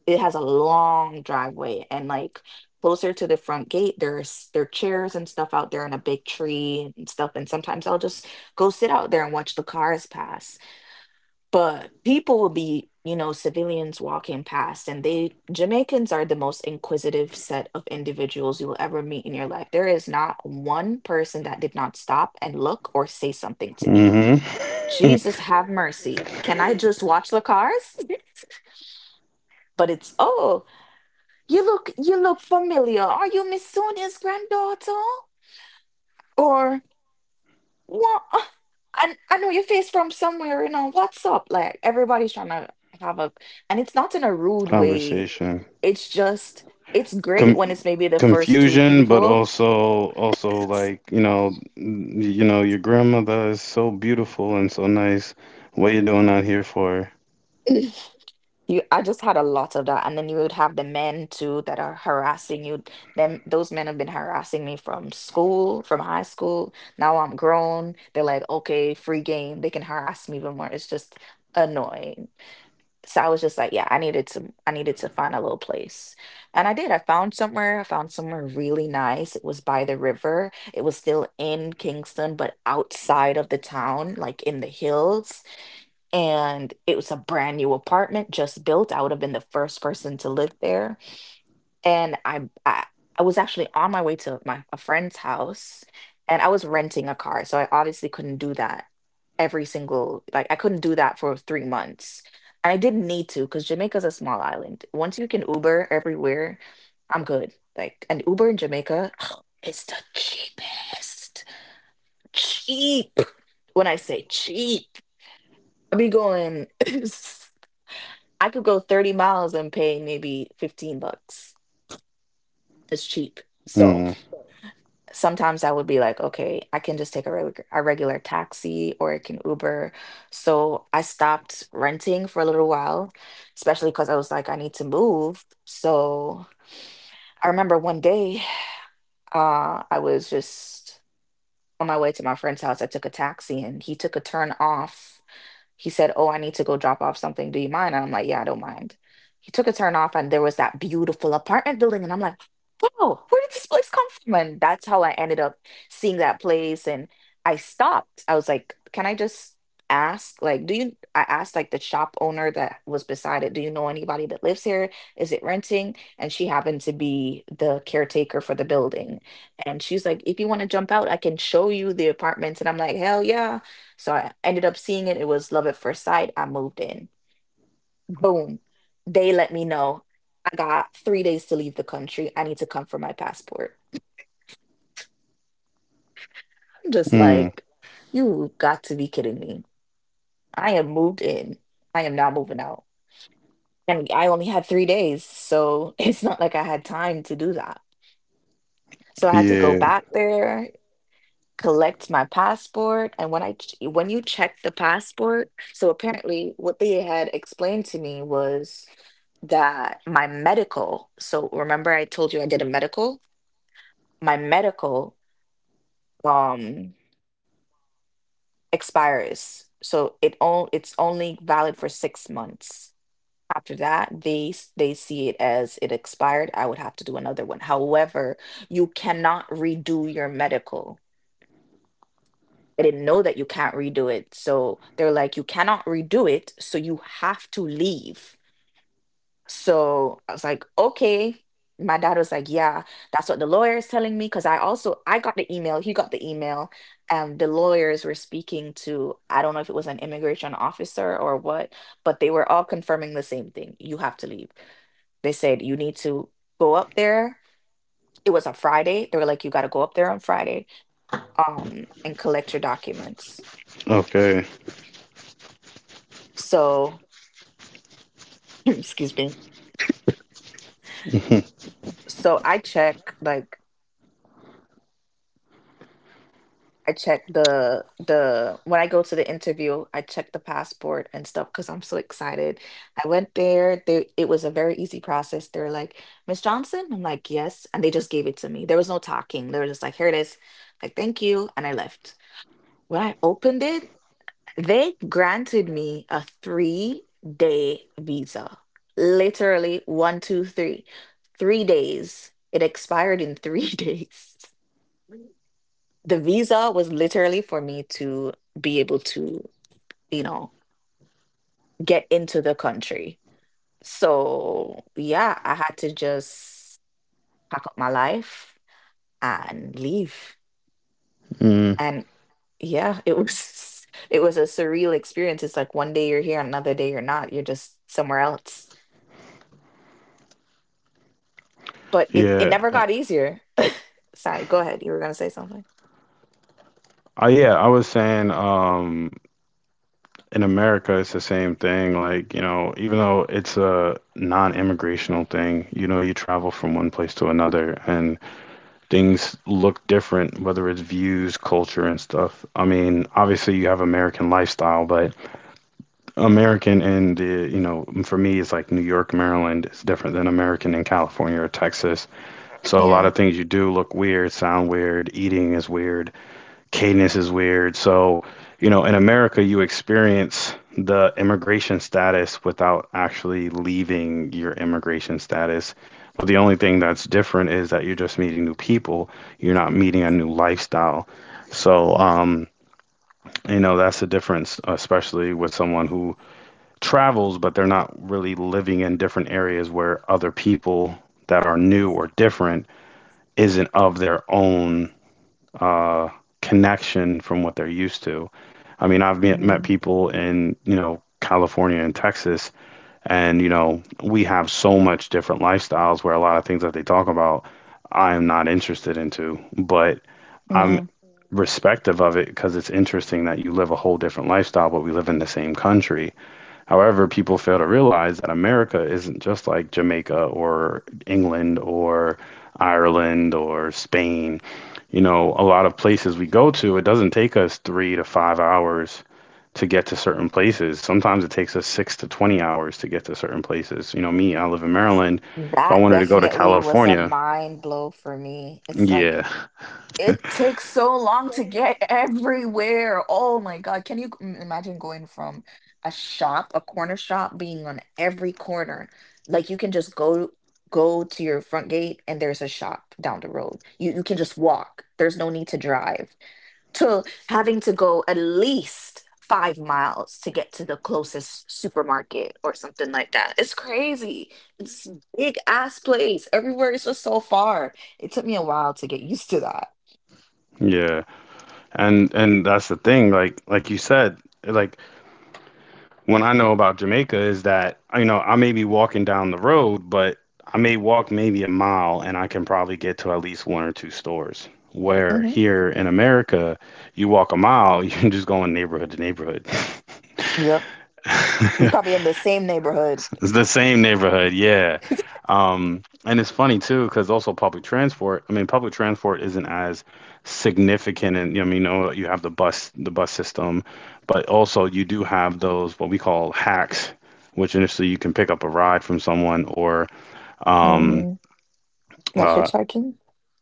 It has a long driveway, and like closer to the front gate, there's, there are chairs and stuff out there and a big tree and stuff, and sometimes I'll just go sit out there and watch the cars pass. But people will be, you know, civilians walking past, and they, Jamaicans are the most inquisitive set of individuals you will ever meet in your life. There is not one person that did not stop and look or say something to me. Mm-hmm. Jesus have mercy, can I just watch the cars? But it's, oh, you look, you look familiar. Are you Miss Sonia's granddaughter? Or what? I know your face from somewhere, what's up? Like, everybody's trying to have a and it's not in a rude way. Conversation. It's just it's Com great when it's maybe the first two Confusion, but people. also like, you know, your grandmother is so beautiful and so nice. What you doing out here for? I just had a lot of that, and then you would have the men too that are harassing you. Those men have been harassing me from school, from high school. Now I'm grown. They're like, okay, free game. They can harass me even more. It's just annoying. So I was just like, yeah, I needed to find a little place, and I did. I found somewhere. I found somewhere really nice. It was by the river. It was still in Kingston, but outside of the town, like in the hills, and it was a brand new apartment just built. I would have been the first person to live there, and I was actually on my way to my a friend's house, and I was renting a car, so I obviously couldn't do that every single like I couldn't do that for 3 months, and I didn't need to because Jamaica's a small island. Once you can Uber everywhere, I'm good. Like, an Uber in Jamaica is the cheapest. Cheap. When I say cheap, I be going. I could go 30 miles and pay maybe $15. It's cheap. So Mm. sometimes I would be like, okay, I can just take a regular taxi or I can Uber. So I stopped renting for a little while, especially because I was like, I need to move. So I remember one day I was just on my way to my friend's house. I took a taxi and he took a turn off. He said, Oh, I need to go drop off something. Do you mind? And I'm like, Yeah, I don't mind. He took a turn off, and there was that beautiful apartment building. And I'm like, Wow, where did this place come from? And that's how I ended up seeing that place. And I stopped. I was like, Can I just ask? Like, do you? I asked, like, the shop owner that was beside it, Do you know anybody that lives here? Is it renting? And she happened to be the caretaker for the building. And she's like, If you want to jump out, I can show you the apartments. And I'm like, Hell yeah. So I ended up seeing it. It was love at first sight. I moved in. Boom. They let me know I got 3 days to leave the country. I need to come for my passport. I'm just Mm. like, you got to be kidding me. I am moved in. I am not moving out. And I only had 3 days. So it's not like I had time to do that. So I had to go Yeah. back there, collect my passport, and when you check the passport. So apparently what they had explained to me was that my medical, so remember, I told you I did a medical, my medical um expires, so it's only valid for 6 months. After that, they see it as it expired. I would have to do another one. However, you cannot redo your medical. I didn't know that you can't redo it. So they're like, you cannot redo it. So you have to leave. So I was like, okay. My dad was like, yeah, that's what the lawyer is telling me. Cause I also, I got the email, he got the email, and the lawyers were speaking to, I don't know if it was an immigration officer or what, but they were all confirming the same thing. You have to leave. They said, you need to go up there. It was a Friday. They were like, you got to go up there on Friday, and collect your documents. Okay. So excuse me. so i check like I check the When I go to the interview, I check the passport and stuff because I'm so excited. I went there. They It was a very easy process. They are like, Miss Johnson. I'm like, yes. And they just gave it to me. There was no talking. They were just like, here it is. Like, thank you. And I left. When I opened it, they granted me a 3 day visa. Literally, 1, 2, 3, 3 days It expired in three days. The visa was literally for me to be able to, you know, get into the country. So, yeah, I had to just pack up my life and leave. Mm. And yeah, it was it was a surreal experience. It's like one day you're here, another day you're not. You're just somewhere else. But it Yeah. never got easier. Sorry, go ahead. You were gonna say something. I Yeah, I was saying, in America it's the same thing, like, you know, even though it's a non-immigrational thing, you know, you travel from one place to another, and things look different, whether it's views, culture, and stuff. I mean, obviously you have American lifestyle, but American and the, you know, for me, it's like New York, Maryland is different than American in California or Texas. So a lot Yeah. of things you do look weird, sound weird, eating is weird, cadence is weird. So, you know, in America, you experience the immigration status without actually leaving your immigration status. But the only thing that's different is that you're just meeting new people. You're not meeting a new lifestyle. So, you know, that's the difference, especially with someone who travels, but they're not really living in different areas where other people that are new or different isn't of their own uh, connection from what they're used to. I mean, I've met Mm-hmm. people in, you know, California and Texas, and, you know, we have so much different lifestyles where a lot of things that they talk about, I am not interested into, but I'm Yeah. respective of it because it's interesting that you live a whole different lifestyle, but we live in the same country. However, people fail to realize that America isn't just like Jamaica or England or Ireland or Spain. You know, a lot of places we go to, it doesn't take us 3 to 5 hours to get to certain places. Sometimes it takes us six to 20 hours to get to certain places. You know, me, I live in Maryland. If I That wanted to go to definitely was a California, mind blow for me. It's like yeah, it takes so long to get everywhere. Oh my God. Can you imagine going from a shop, a corner shop, being on every corner? Like, you can just go to your front gate and there's a shop down the road. You can just walk. There's no need to drive to having to go at least 5 miles to get to the closest supermarket or something like that. It's crazy. It's a big ass place. Everywhere is just so far. It took me a while to get used to that. yeah. And that's the thing, like you said, like when I know about Jamaica is that, you know, I may be walking down the road, but I may walk maybe a mile and I can probably get to at least one or two stores. Where Hmm. here in America, you walk a mile, you can just go in neighborhood to neighborhood. Yep. You're probably in the same neighborhood. It's the same neighborhood, yeah. And it's funny too, because also public transport. I mean, public transport isn't as significant, and, you know, I mean, you know, you have the bus system, but also you do have those what we call hacks, which initially you can pick up a ride from someone, or um, Hmm. Like uh, hitchhiking.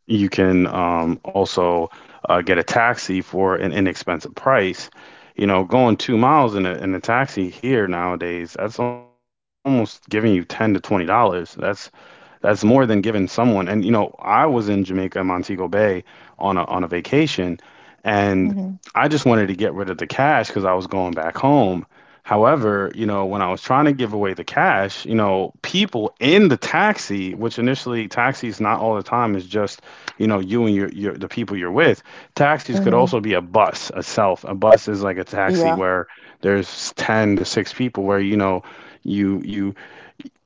you can also get a taxi for an inexpensive price. You know, going 2 miles in a taxi here nowadays, that's almost giving you $10 to $20. That's more than giving someone. And, you know, I was in Jamaica, Montego Bay, on a vacation, and Hmm. I just wanted to get rid of the cash because I was going back home. However, you know, when I was trying to give away the cash, you know, people in the taxi, which initially taxis not all the time is just, you know, you and your the people you're with. Taxis could Hmm. also be a bus, a self. A bus is like a taxi Yeah. where there's 10 to 6 people where, you know, you you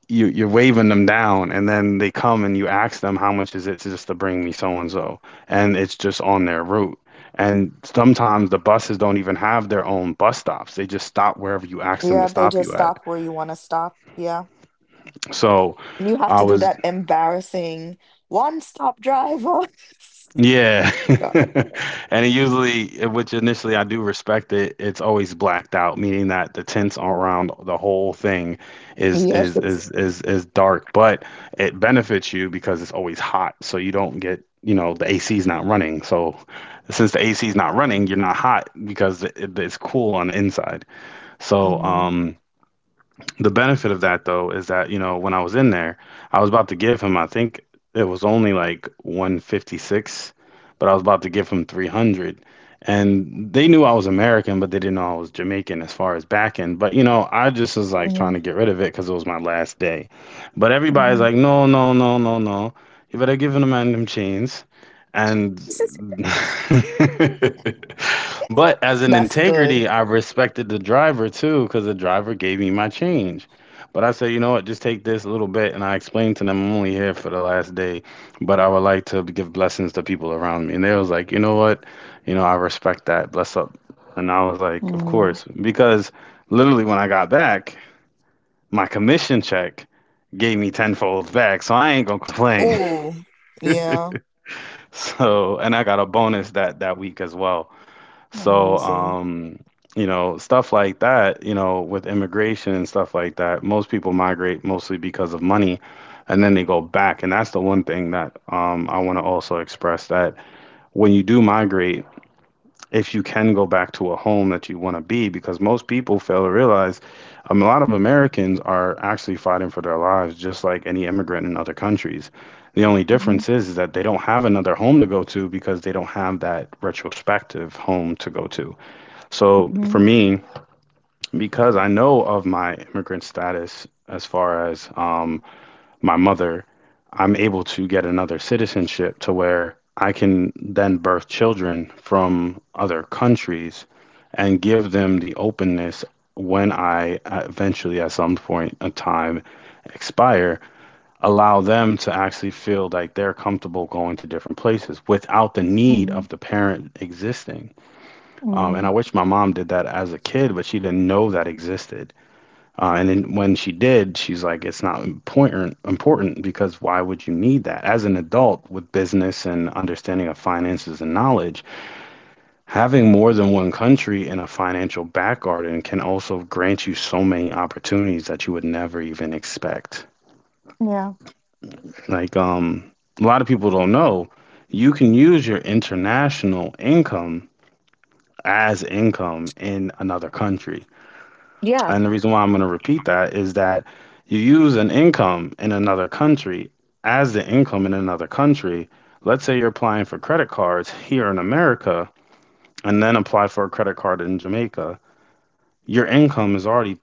you're waving them down, and then they come and you ask them, how much is it to just to bring me so and so, and it's just on their route. And sometimes the buses don't even have their own bus stops. They just stop wherever you ask them to Yeah. They stop just you at. stop where you want to stop. Yeah. So And you have I to do was that embarrassing one stop driver. Oh Yeah. my God. And it usually, which initially I do respect it, it's always blacked out, meaning that the tints around the whole thing is Yes. is is is is dark, but it benefits you because it's always hot, so you don't get, you know, the AC's not running. So since the AC's not running, you're not hot because it's cool on the inside. So, Hmm. The benefit of that though is that, you know, when I was in there, I was about to give him, I think it was only like 156, but I was about to give him 300. And they knew I was American, but they didn't know I was Jamaican as far as back end. But, you know, I just was like trying Hmm. to get rid of it because it was my last day. But everybody's Hmm. like, no, no, no, no, no. You better give him a man them chains. And But as an That's good. integrity, I respected the driver too, because the driver gave me my change. But I said, you know what, just take this little bit. And I explained to them, I'm only here for the last day, but I would like to give blessings to people around me. And they was like, you know what, you know, I respect that. Bless up. And I was like, of Hmm. course. Because literally when I got back, my commission check gave me tenfold back. So I ain't gonna complain. Ooh. Yeah. So, and I got a bonus that week as well. So, Amazing. You know, stuff like that, you know, with immigration and stuff like that, most people migrate mostly because of money, and then they go back. And that's the one thing that, I want to also express that when you do migrate, if you can go back to a home that you want to be, because most people fail to realize, a lot of Americans are actually fighting for their lives, just like any immigrant in other countries. The only Hmm. difference is that they don't have another home to go to because they don't have that retrospective home to go to. So Hmm. for me, because I know of my immigrant status as far as my mother, I'm able to get another citizenship to where I can then birth children from other countries and give them the openness when I eventually, at some point in time, expire, allow them to actually feel like they're comfortable going to different places without the need of Hmm. the parent existing. And Hmm. I wish my mom did that as a kid, but she didn't know that existed. And then when she did, she's like, it's not important important because why would you need that? As an adult with business and understanding of finances and knowledge, having more than one country in a financial back garden can also grant you so many opportunities that you would never even expect. Yeah. Like, a lot of people don't know, you can use your international income as income in another country. Yeah. And the reason why I'm going to repeat that is that you use an income in another country as the income in another country. Let's say you're applying for credit cards here in America and then apply for a credit card in Jamaica. Your income is already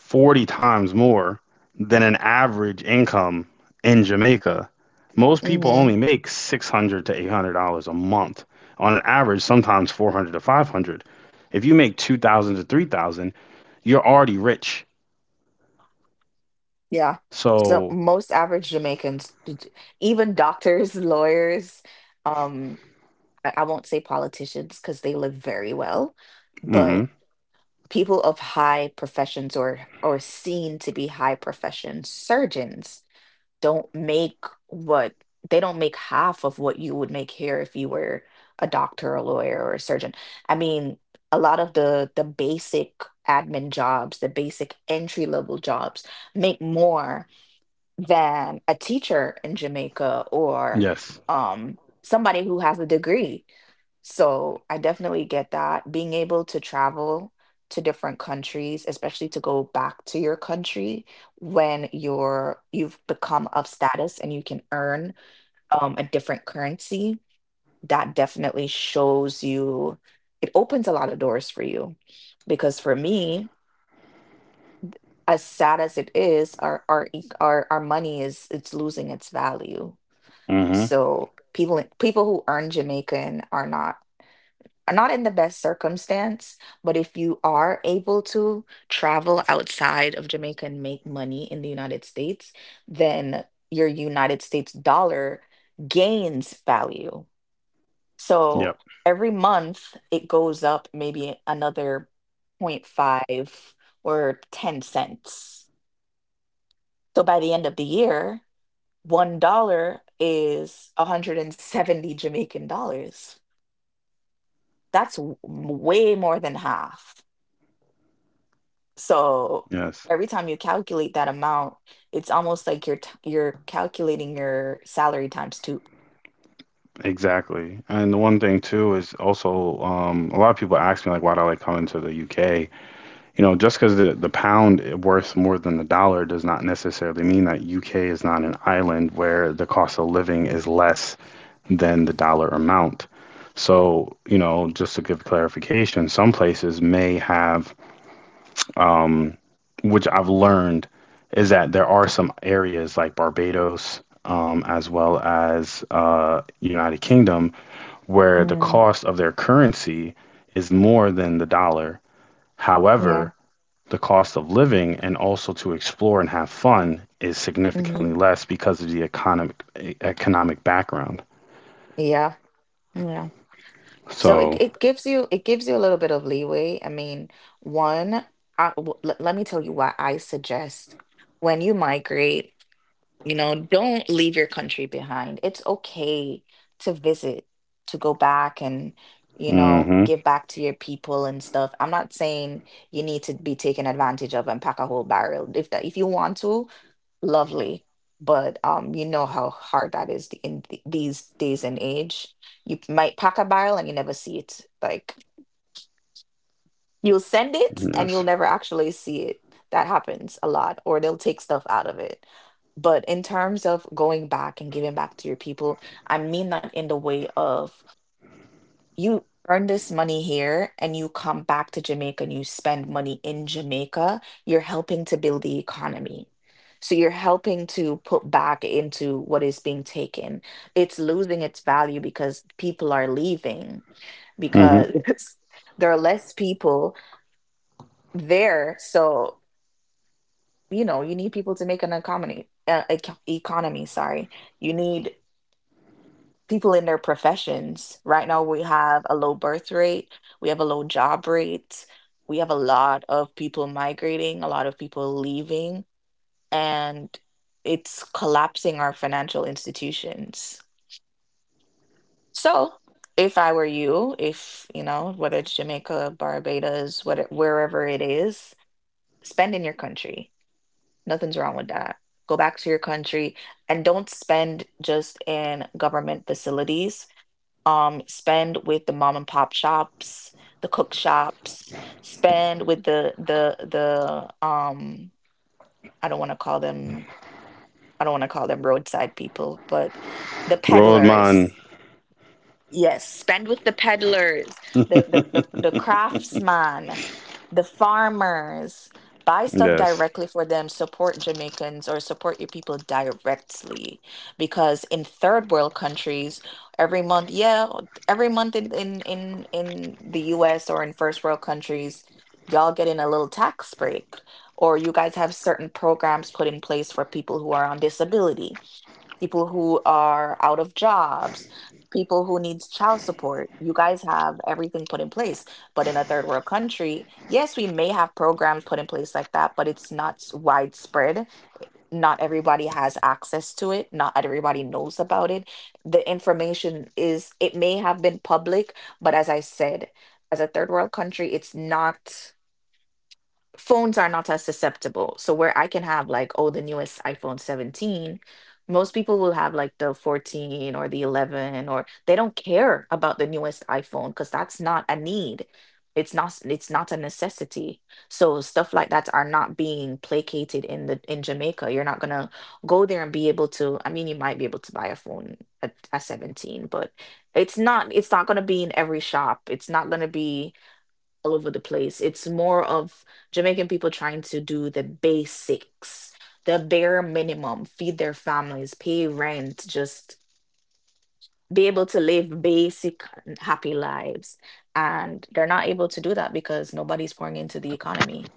40 times more than an average income in Jamaica. Most people Hmm. only make 600 to $800 a month on an average, sometimes 400 to 500. If you make 2000 to 3000, you're already rich. Yeah. So So. most average Jamaicans, even doctors, lawyers, um, I won't say politicians because they live very well, Mhm. but people of high professions or seen to be high profession surgeons don't make what they don't make half of what you would make here if you were a doctor, a lawyer, or a surgeon. I mean, a lot of the basic admin jobs, the basic entry level jobs make more than a teacher in Jamaica or Yes. Somebody who has a degree. So I definitely get that. Being able to travel to different countries, especially to go back to your country when you've become of status and you can earn a different currency, that definitely shows you, it opens a lot of doors for you. Because for me, as sad as it is, our money is it's losing its value, Mhm. so people who earn Jamaican are not in the best circumstance, but if you are able to travel outside of Jamaica and make money in the United States, then your United States dollar gains value. Yep. So every month it goes up maybe another 0.5 or 10 cents. So by the end of the year, $1 is 170 Jamaican dollars. That's way more than half. So Yes. every time you calculate that amount, it's almost like you're calculating your salary times two. Exactly. And the one thing too is also, a lot of people ask me, like, why do I like coming to the UK? You know, just because the pound is worth more than the dollar does not necessarily mean that UK is not an island where the cost of living is less than the dollar amount. So, you know, just to give clarification, some places may have, um, which I've learned is that there are some areas like Barbados, as well as United Kingdom, where the Mm, cost of their currency is more than the dollar. yeah. However, the cost of living and also to explore and have fun is significantly Hmm. less because of the economic background. Yeah. Yeah. So it, So. it gives you a little bit of leeway. I mean, one, let me tell you why I suggest when you migrate. Don't leave your country behind. It's okay to visit, to go back and, Hmm. give back to your people and stuff. I'm not saying you need to be taken advantage of and pack a whole barrel. If you want to, lovely. But you know how hard that is these days and age. You might pack a barrel and you never see it. Like, you'll send it and you'll Yes. never actually see it. That happens a lot, or they'll take stuff out of it. But in terms of going back and giving back to your people, I mean that in the way of you earn this money here and you come back to Jamaica and you spend money in Jamaica, you're helping to build the economy. So you're helping to put back into what is being taken. It's losing its value because people are leaving Hmm. because there are less people there. So, you need people to make an economy, economy, sorry. You need people in their professions. Right now, we have a low birth rate, we have a low job rate, we have a lot of people migrating, a lot of people leaving, and it's collapsing our financial institutions. So, if I were you, if, whether it's Jamaica, Barbados, whatever, wherever it is, spend in your country. Nothing's wrong with that. Go back to your country and don't spend just in government facilities. Spend with the mom and pop shops, the cook shops, spend with the I don't want to call them I don't want to call them roadside people, but the Rodman. peddlers. Yes, spend with the peddlers, the craftsman, the farmers. Buy stuff Yes. directly for them, support Jamaicans or support your people directly. Because in third world countries, every month, yeah, every month in the US or in first world countries, y'all getting a little tax break. Or you guys have certain programs put in place for people who are on disability, people who are out of jobs, people who needs child support. You guys have everything put in place. But in a third world country, yes, we may have programs put in place like that, but it's not s- widespread. Not everybody has access to it. Not everybody knows about it. The information is, it may have been public, but as I said, as a third world country, it's not, phones are not as susceptible. So where I can have like oh the newest iPhone 17, most people will have like the 14 or the 11, or they don't care about the newest iPhone cuz that's not a need. It's not a necessity. So stuff like that are not being placated in the in Jamaica. You're not going to go there and be able to, I mean you might be able to buy a phone at 17, but it's not going to be in every shop. It's not going to be all over the place. It's more of Jamaican people trying to do the basics, the bare minimum, feed their families, pay rent, just be able to live basic and happy lives. And they're not able to do that because nobody's pouring into the economy.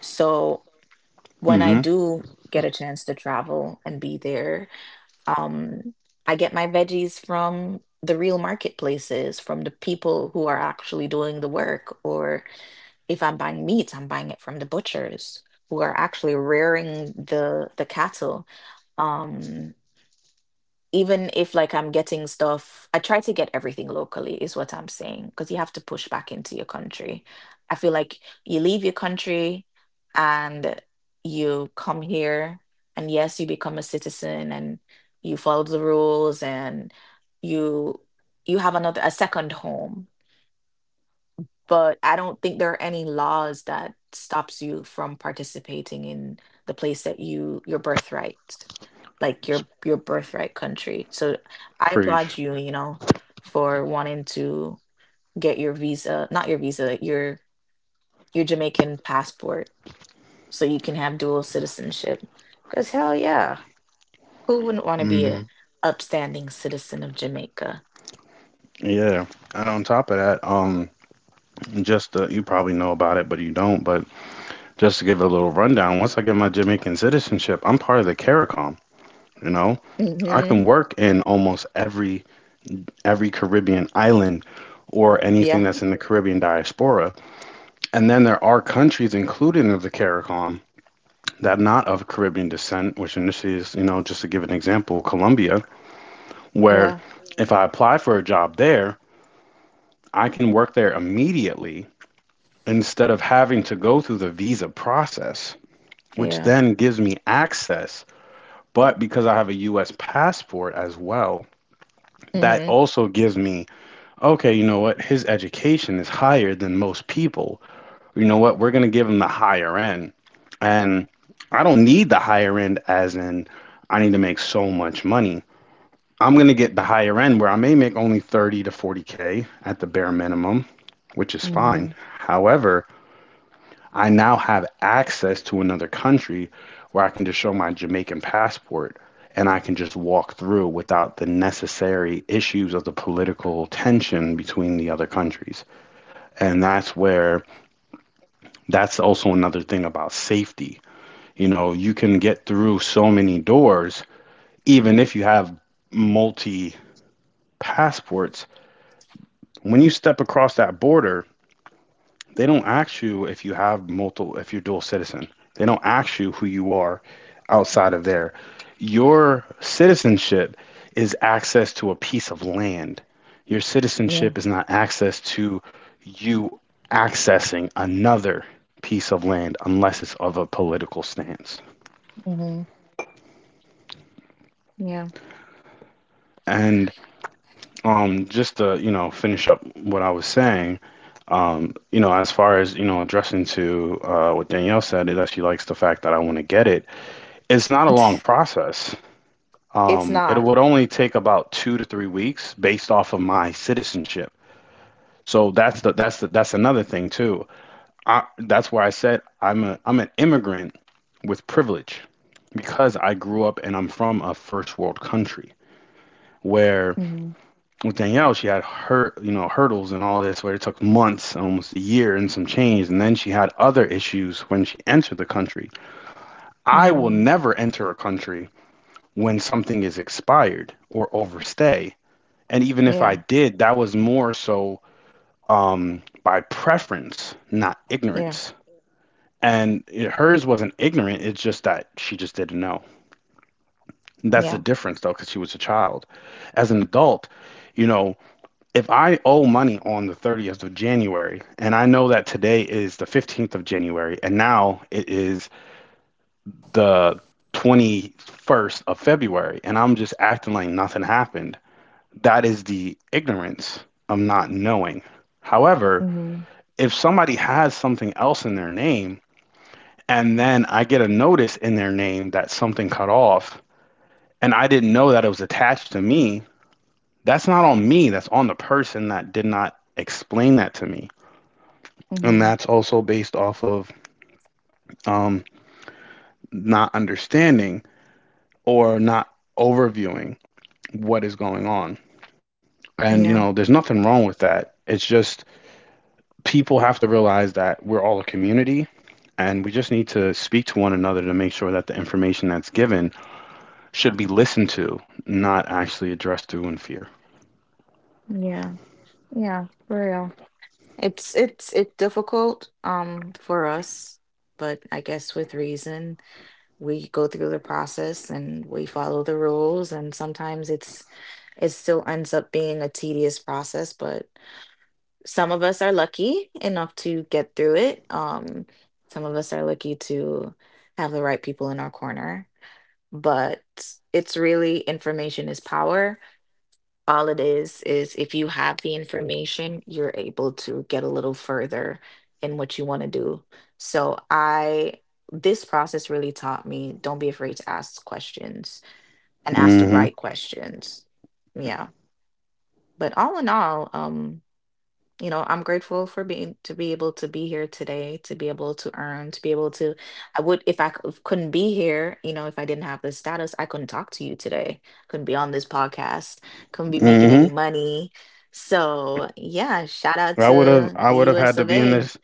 So when I Hmm. do get a chance to travel and be there, um, I get my veggies from the real marketplaces, from the people who are actually doing the work, or if I'm buying meat, I'm buying it from the butchers who are actually rearing the cattle. Um, Even if like I'm getting stuff, I try to get everything locally, is what I'm saying, because you have to push back into your country. I feel like you leave your country and you come here, and yes, you become a citizen and you follow the rules and you you have another a second home, but I don't think there are any laws that stops you from participating in the place that your birthright, like your birthright country. So I Preach. applaud you, you know, for wanting to get your visa, not your visa, your Jamaican passport so you can have dual citizenship. Cause hell yeah, who wouldn't want to be Hmm. a upstanding citizen of Jamaica? Yeah. And on top of that, just to, you probably know about it, but you don't. But just to give a little rundown, once I get my Jamaican citizenship, I'm part of the CARICOM, you know? I Mm-hmm. can work in almost every Caribbean island or anything Yeah, that's in the Caribbean diaspora. And then there are countries included in the CARICOM that are not of Caribbean descent, which initially is, you know, just to give an example, Colombia, where yeah, if I apply for a job there, I can work there immediately instead of having to go through the visa process, which yeah. then gives me access. But because I have a US passport as well, that Mm-hmm. also gives me, okay, you know what? His education is higher than most people. You know what? We're going to give him the higher end. And I don't need the higher end, as in, I need to make so much money. I'm going to get the higher end where I may make only 30 to 40K at the bare minimum, which is fine. Mm-hmm. However, I now have access to another country where I can just show my Jamaican passport, and I can just walk through without the necessary issues of the political tension between the other countries. And that's where that's also another thing about safety. You know, you can get through so many doors, even if you have multi passports. When you step across that border, they don't ask you if you have multiple, if you're dual citizen. They don't ask you who you are outside of there. Your citizenship is access to a piece of land. Your Yeah. citizenship is not access to you accessing another piece of land unless it's of a political stance. Mhm. Yeah. And just to finish up what I was saying, you know, as far as addressing to what Danielle said, is that she likes the fact that I want to get it. It's not a long process. It's It not. would only take about 2 to 3 weeks based off of my citizenship. So that's another thing too. That's why I said I'm an immigrant with privilege, because I grew up and I'm from a first world country. Where Hmm. with Danielle, she had her, you know, hurdles and all this, where it took months, almost a year and some change, and then she had other issues when she entered the country. I will Hmm. never enter a country when something is expired or overstay. And even if I Yeah. did, that was more so by preference, not Yeah. ignorance. Hers wasn't ignorant, it's just that she just didn't know. That's the Yeah. difference, though, because she was a child. As an adult, you know, if I owe money on the 30th of January, and I know that today is the 15th of January, and now it is the 21st of February, and I'm just acting like nothing happened, that is the ignorance of not knowing. However, Hmm. if somebody has something else in their name and then I get a notice in their name that something cut off and I didn't know that it was attached to me, that's not on me. That's on the person that did not explain that to me. And Hmm. that's also based off of um, not understanding or not overviewing what is going on. And, you know, there's Yeah. nothing wrong with that. It's just people have to realize that we're all a community, and we just need to speak to one another to make sure that the information that's given should be listened to, not actually addressed to in fear. Yeah. Yeah. For real. It's difficult for us, but I guess with reason, we go through the process and we follow the rules, and sometimes it still ends up being a tedious process, but some of us are lucky enough to get through it. Some of us are lucky to have the right people in our corner, but it's really, information is power. All it is if you have the information, you're able to get a little further in what you want to do. So I This process really taught me don't be afraid to ask questions and ask the mm right questions. Yeah. But all in all, you know, I'm grateful for being to be able to be here today, to be able to earn, to be able to. I would, if I c- couldn't be here, you know, if I didn't have this status, I couldn't talk to you today. Couldn't be on this podcast. Couldn't be hmm making Mm hmm any money. So yeah, shout out to I the would have U.S. had to of be in A. this,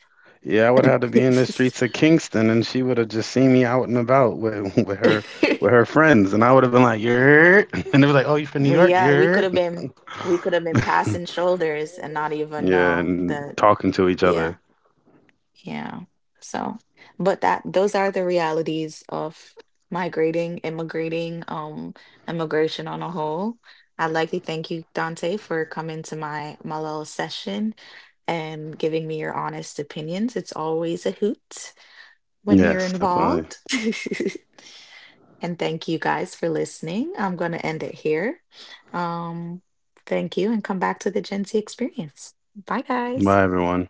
yeah, I would have to be in the streets of Kingston, and she would have just seen me out and about with with her friends, and I would have been like, "Yeah," and it was like, "Oh, you from New Well, York?" yeah, Yeah. We could have been passing shoulders and not even Yeah, know and that. talking to each Yeah. other. Yeah. So, but that those are the realities of migrating, immigrating, immigration on a whole. I'd like to thank you, Dante, for coming to my little session and giving me your honest opinions. It's always a hoot when you're Yes, definitely. involved. And thank you guys for listening. I'm going to end it here. Um, Thank you and come back to the Gen Z experience. Bye, guys. Bye everyone.